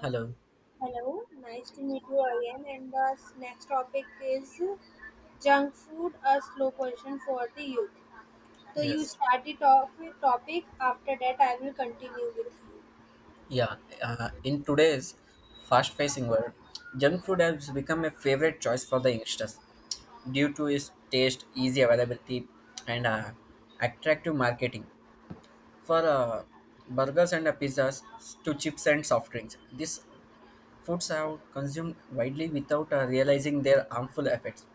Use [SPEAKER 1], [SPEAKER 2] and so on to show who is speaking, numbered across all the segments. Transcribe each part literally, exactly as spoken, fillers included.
[SPEAKER 1] Hello.
[SPEAKER 2] Hello, nice to meet you again. And the next topic is junk food, a slow question for the youth. So you
[SPEAKER 1] Yes.
[SPEAKER 2] start the topic, topic. After that, I will continue with you.
[SPEAKER 1] Yeah. Uh, in today's fast-paced world, junk food has become a favorite choice for the youngsters due to its taste, easy availability, and uh, attractive marketing. For uh, burgers and uh, pizzas to chips and soft drinks, this foods are consumed widely without uh, realizing their harmful effects.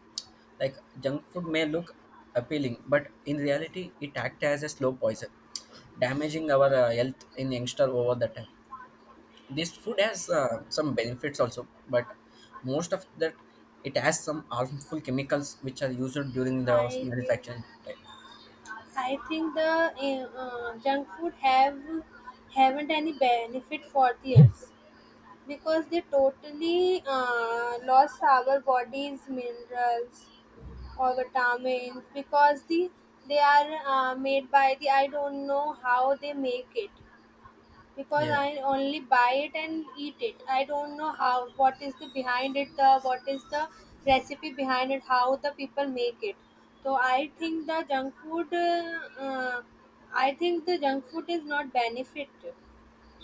[SPEAKER 1] Like junk food may look appealing, but in reality, it acts as a slow poison, damaging our uh, health in youngster over the time. This food has uh, some benefits also, but most of that it has some harmful chemicals which are used during the
[SPEAKER 2] I think,
[SPEAKER 1] manufacturing time.
[SPEAKER 2] I think the uh, uh, junk food have haven't any benefit for the us because they totally uh, lost our bodies minerals or vitamins because the they are uh, made by the I don't know how they make it because
[SPEAKER 1] Yeah,
[SPEAKER 2] I only buy it and eat it. I don't know how what is the behind it the what is the recipe behind it how the people make it. So I think the junk food uh, uh, I think the junk food is not benefit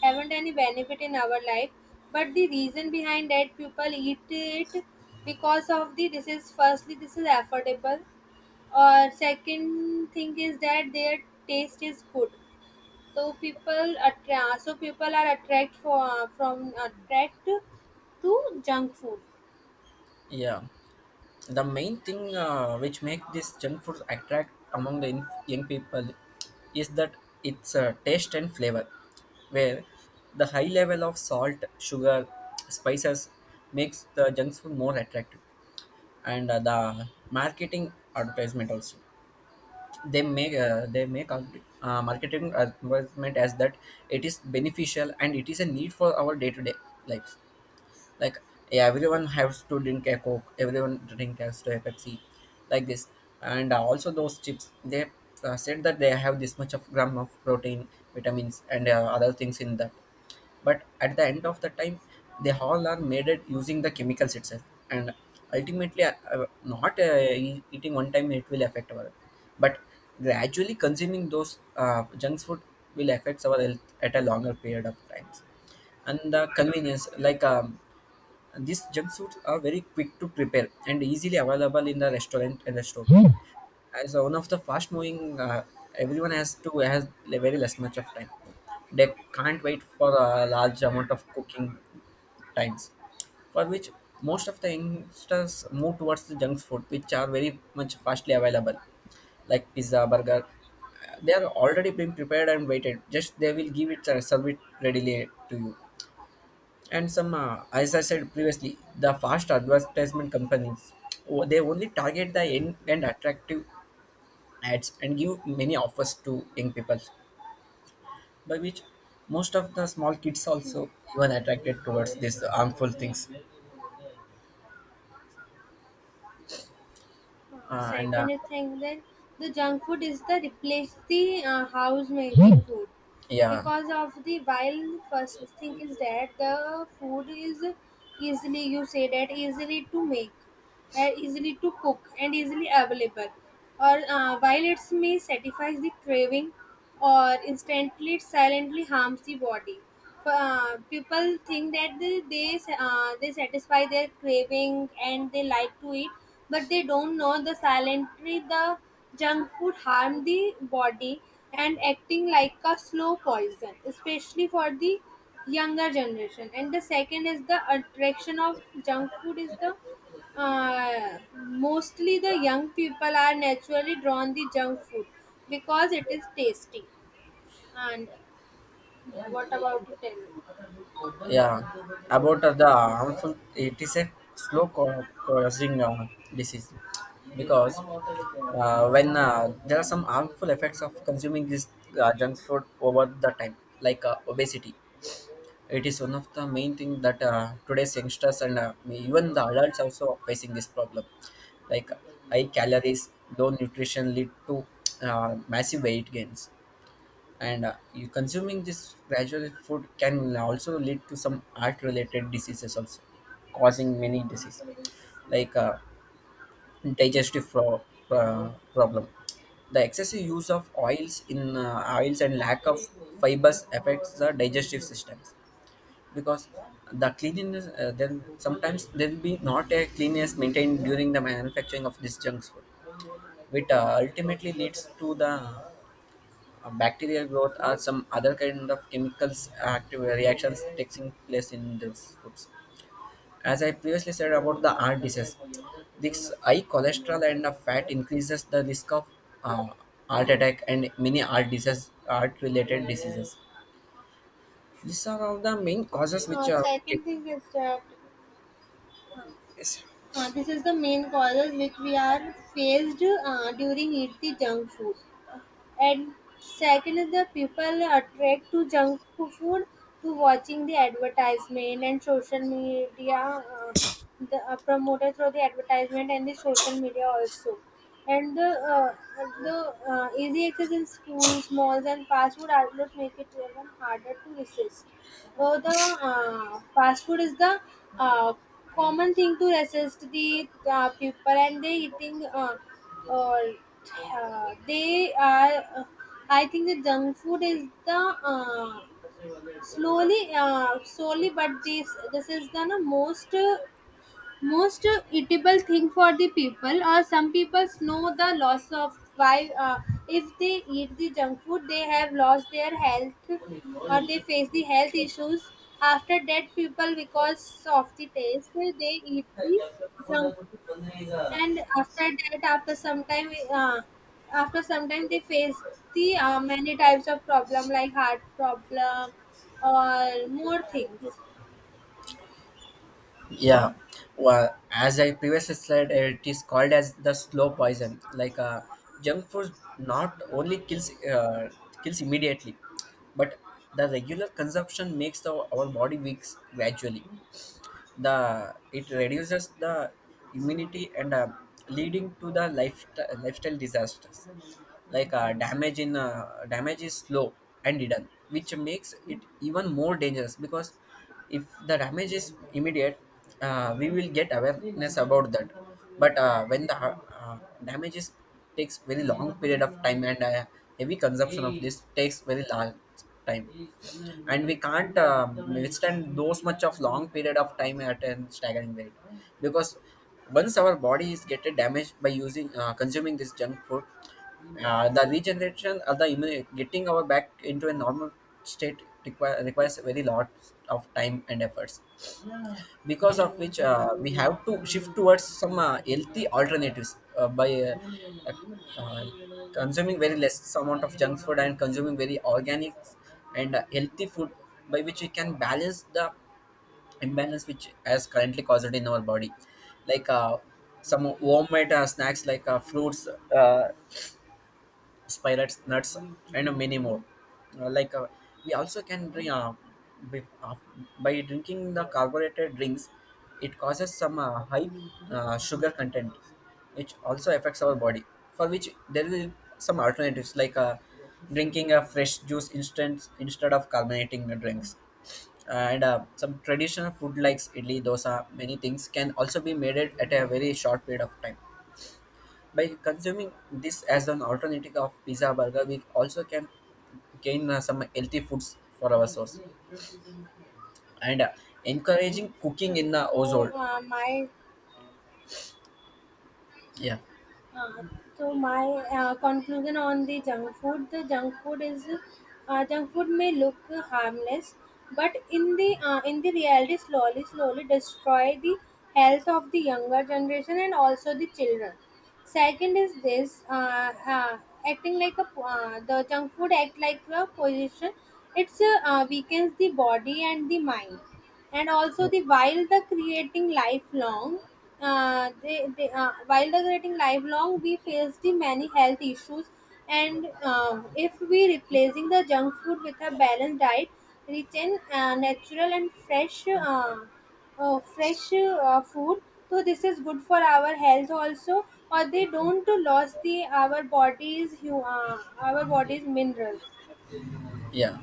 [SPEAKER 2] haven't any benefit in our life, but the reason behind that people eat it because of the this is firstly this is affordable, or second thing is that their taste is good. So people attract. So people are attract for from attract to junk food.
[SPEAKER 1] yeah. the main thing uh, which make this junk food attract among the inf- young people is that its uh, taste and flavor where the high level of salt sugar spices makes the junk food more attractive and uh, the marketing advertisement also. They make uh, they make ad- uh, marketing advertisement as that it is beneficial and it is a need for our day-to-day lives, like yeah, everyone has to drink a coke, everyone drink has to a pepsi like this. And uh, also those chips, they uh, said that they have this much of gram of protein, vitamins and uh, other things in that, but at the end of the time they all are made it using the chemicals itself. And ultimately uh, uh, not uh, e- eating one time it will affect our health, but gradually consuming those uh, junk food will affect our health at a longer period of times. And the convenience, like um, these junk foods are very quick to prepare and easily available in the restaurant and the store. As one of the fast moving, uh, everyone has to has very less much of time. They can't wait for a large amount of cooking times, for which most of the youngsters move towards the junk food, which are very much fastly available, like pizza, burger. Uh, They are already being prepared and waited. Just they will give it, uh, serve it readily to you. And some, uh, as I said previously, the fast advertisement companies, oh, they only target the end and attractive ads and give many offers to young people, by which most of the small kids also even attracted towards these harmful things.
[SPEAKER 2] Uh,
[SPEAKER 1] Uh, and uh,
[SPEAKER 2] second thing that the junk food is the replace the uh, house made food
[SPEAKER 1] yeah.
[SPEAKER 2] because of the while first thing is that the food is easily you say that easily to make are easily to cook and easily available. Or uh, while it may satisfies the craving, or instantly it silently harms the body. Uh, people think that they they, uh, they satisfy their craving and they like to eat, but they don't know the silently the junk food harm the body and acting like a slow poison, especially for the younger generation. And the second is the attraction of junk food is the uh, mostly the young people are naturally drawn the junk food because it is tasty and what about to tell me?
[SPEAKER 1] Yeah, about uh, the harmful, it is a slow co- causing uh, disease. Because uh, when uh, there are some harmful effects of consuming this uh, junk food over the time, like uh, obesity. It is one of the main thing that uh, today's youngsters and uh, even the adults also are facing this problem. Like high calories, low nutrition lead to uh, massive weight gains. And uh, you consuming this gradual food can also lead to some heart related diseases also, causing many diseases like uh, digestive pro- uh, problem. The excessive use of oils in uh, oils and lack of fibers affects the digestive systems, because the cleanliness, uh, then sometimes there will be not a cleanliness maintained during the manufacturing of this junk food, which uh, ultimately leads to the uh, bacterial growth or some other kind of chemicals active reactions taking place in these foods. As I previously said about the heart disease, this high cholesterol and the fat increases the risk of uh, heart attack and many heart disease, heart related diseases. These are all the main causes which
[SPEAKER 2] Uh,
[SPEAKER 1] are.
[SPEAKER 2] second thing is that
[SPEAKER 1] Yes.
[SPEAKER 2] uh, this is the main causes which we are faced uh, during eat the junk food. And second, the people attract to junk food to watching the advertisement and social media. Uh, the uh, promoted through the advertisement and the social media also. And the uh, the uh, easy access in schools, malls, and fast food outlets make it even harder to resist. So the uh, fast food is the uh, common thing to resist the uh, people, and they eating. Uh, uh, uh, they are uh, I think the junk food is the uh, slowly uh, slowly but this this is the no, most uh, most uh, eatable thing for the people, or some people know the loss of why uh, if they eat the junk food they have lost their health or they face the health issues after that people because of the taste they eat the junk food. And after that, after some time uh, after some time they face the uh, many types of problem like heart problem or more things.
[SPEAKER 1] Yeah. Well, as I previously said, uh, it is called as the slow poison. Like uh, junk food not only kills uh, kills immediately, but the regular consumption makes the, our body weak gradually. The it reduces the immunity and uh, leading to the life, lifestyle disasters, like uh, damage in uh, damage is slow and hidden, which makes it even more dangerous. Because if the damage is immediate, uh, we will get awareness about that. But uh, when the uh, damage is takes very long period of time, and uh, heavy consumption of this takes very large time, and we can't uh, withstand those much of long period of time at a staggering rate. Because once our body is get damaged by using uh, consuming this junk food, uh, the regeneration of the immune, getting our back into a normal state require, requires very lot of time and efforts. Because of which uh, we have to shift towards some uh, healthy alternatives, uh, by uh, uh, consuming very less amount of junk food and consuming very organic and uh, healthy food, by which we can balance the imbalance which has currently caused in our body. Like uh, some homemade uh, snacks like uh, fruits, uh, spirits, nuts, and many more. Uh, like uh, we also can drink, uh, by, uh, by drinking the carbonated drinks. It causes some uh, high uh, sugar content, which also affects our body. For which there will some alternatives, like uh, drinking a fresh juice instead instead of carbonating the drinks. And uh, some traditional food like idli, dosa, many things can also be made it at a very short period of time. By consuming this as an alternative of pizza burger, we also can gain uh, some healthy foods for our source and uh, encouraging cooking in the
[SPEAKER 2] so
[SPEAKER 1] household.
[SPEAKER 2] uh, my
[SPEAKER 1] Yeah,
[SPEAKER 2] Uh, so my uh, conclusion on the junk food, the junk food is uh, junk food may look harmless, but in the uh, in the reality, slowly slowly destroy the health of the younger generation and also the children. Second is this uh, uh, acting like a uh, the junk food act like a position. It's uh, uh, weakens the body and the mind and also
[SPEAKER 1] yeah,
[SPEAKER 2] the while the creating lifelong uh, they, they uh, while the creating lifelong we face the many health issues. And uh, if we replacing the junk food with a balanced diet rich in uh, natural and fresh uh, uh, fresh uh, food, so this is good for our health also, or they don't lose the our bodies hu- uh, our bodies mineral.
[SPEAKER 1] yeah.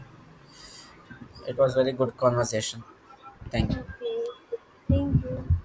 [SPEAKER 1] It was very good conversation. Thank you.
[SPEAKER 2] Okay, thank you.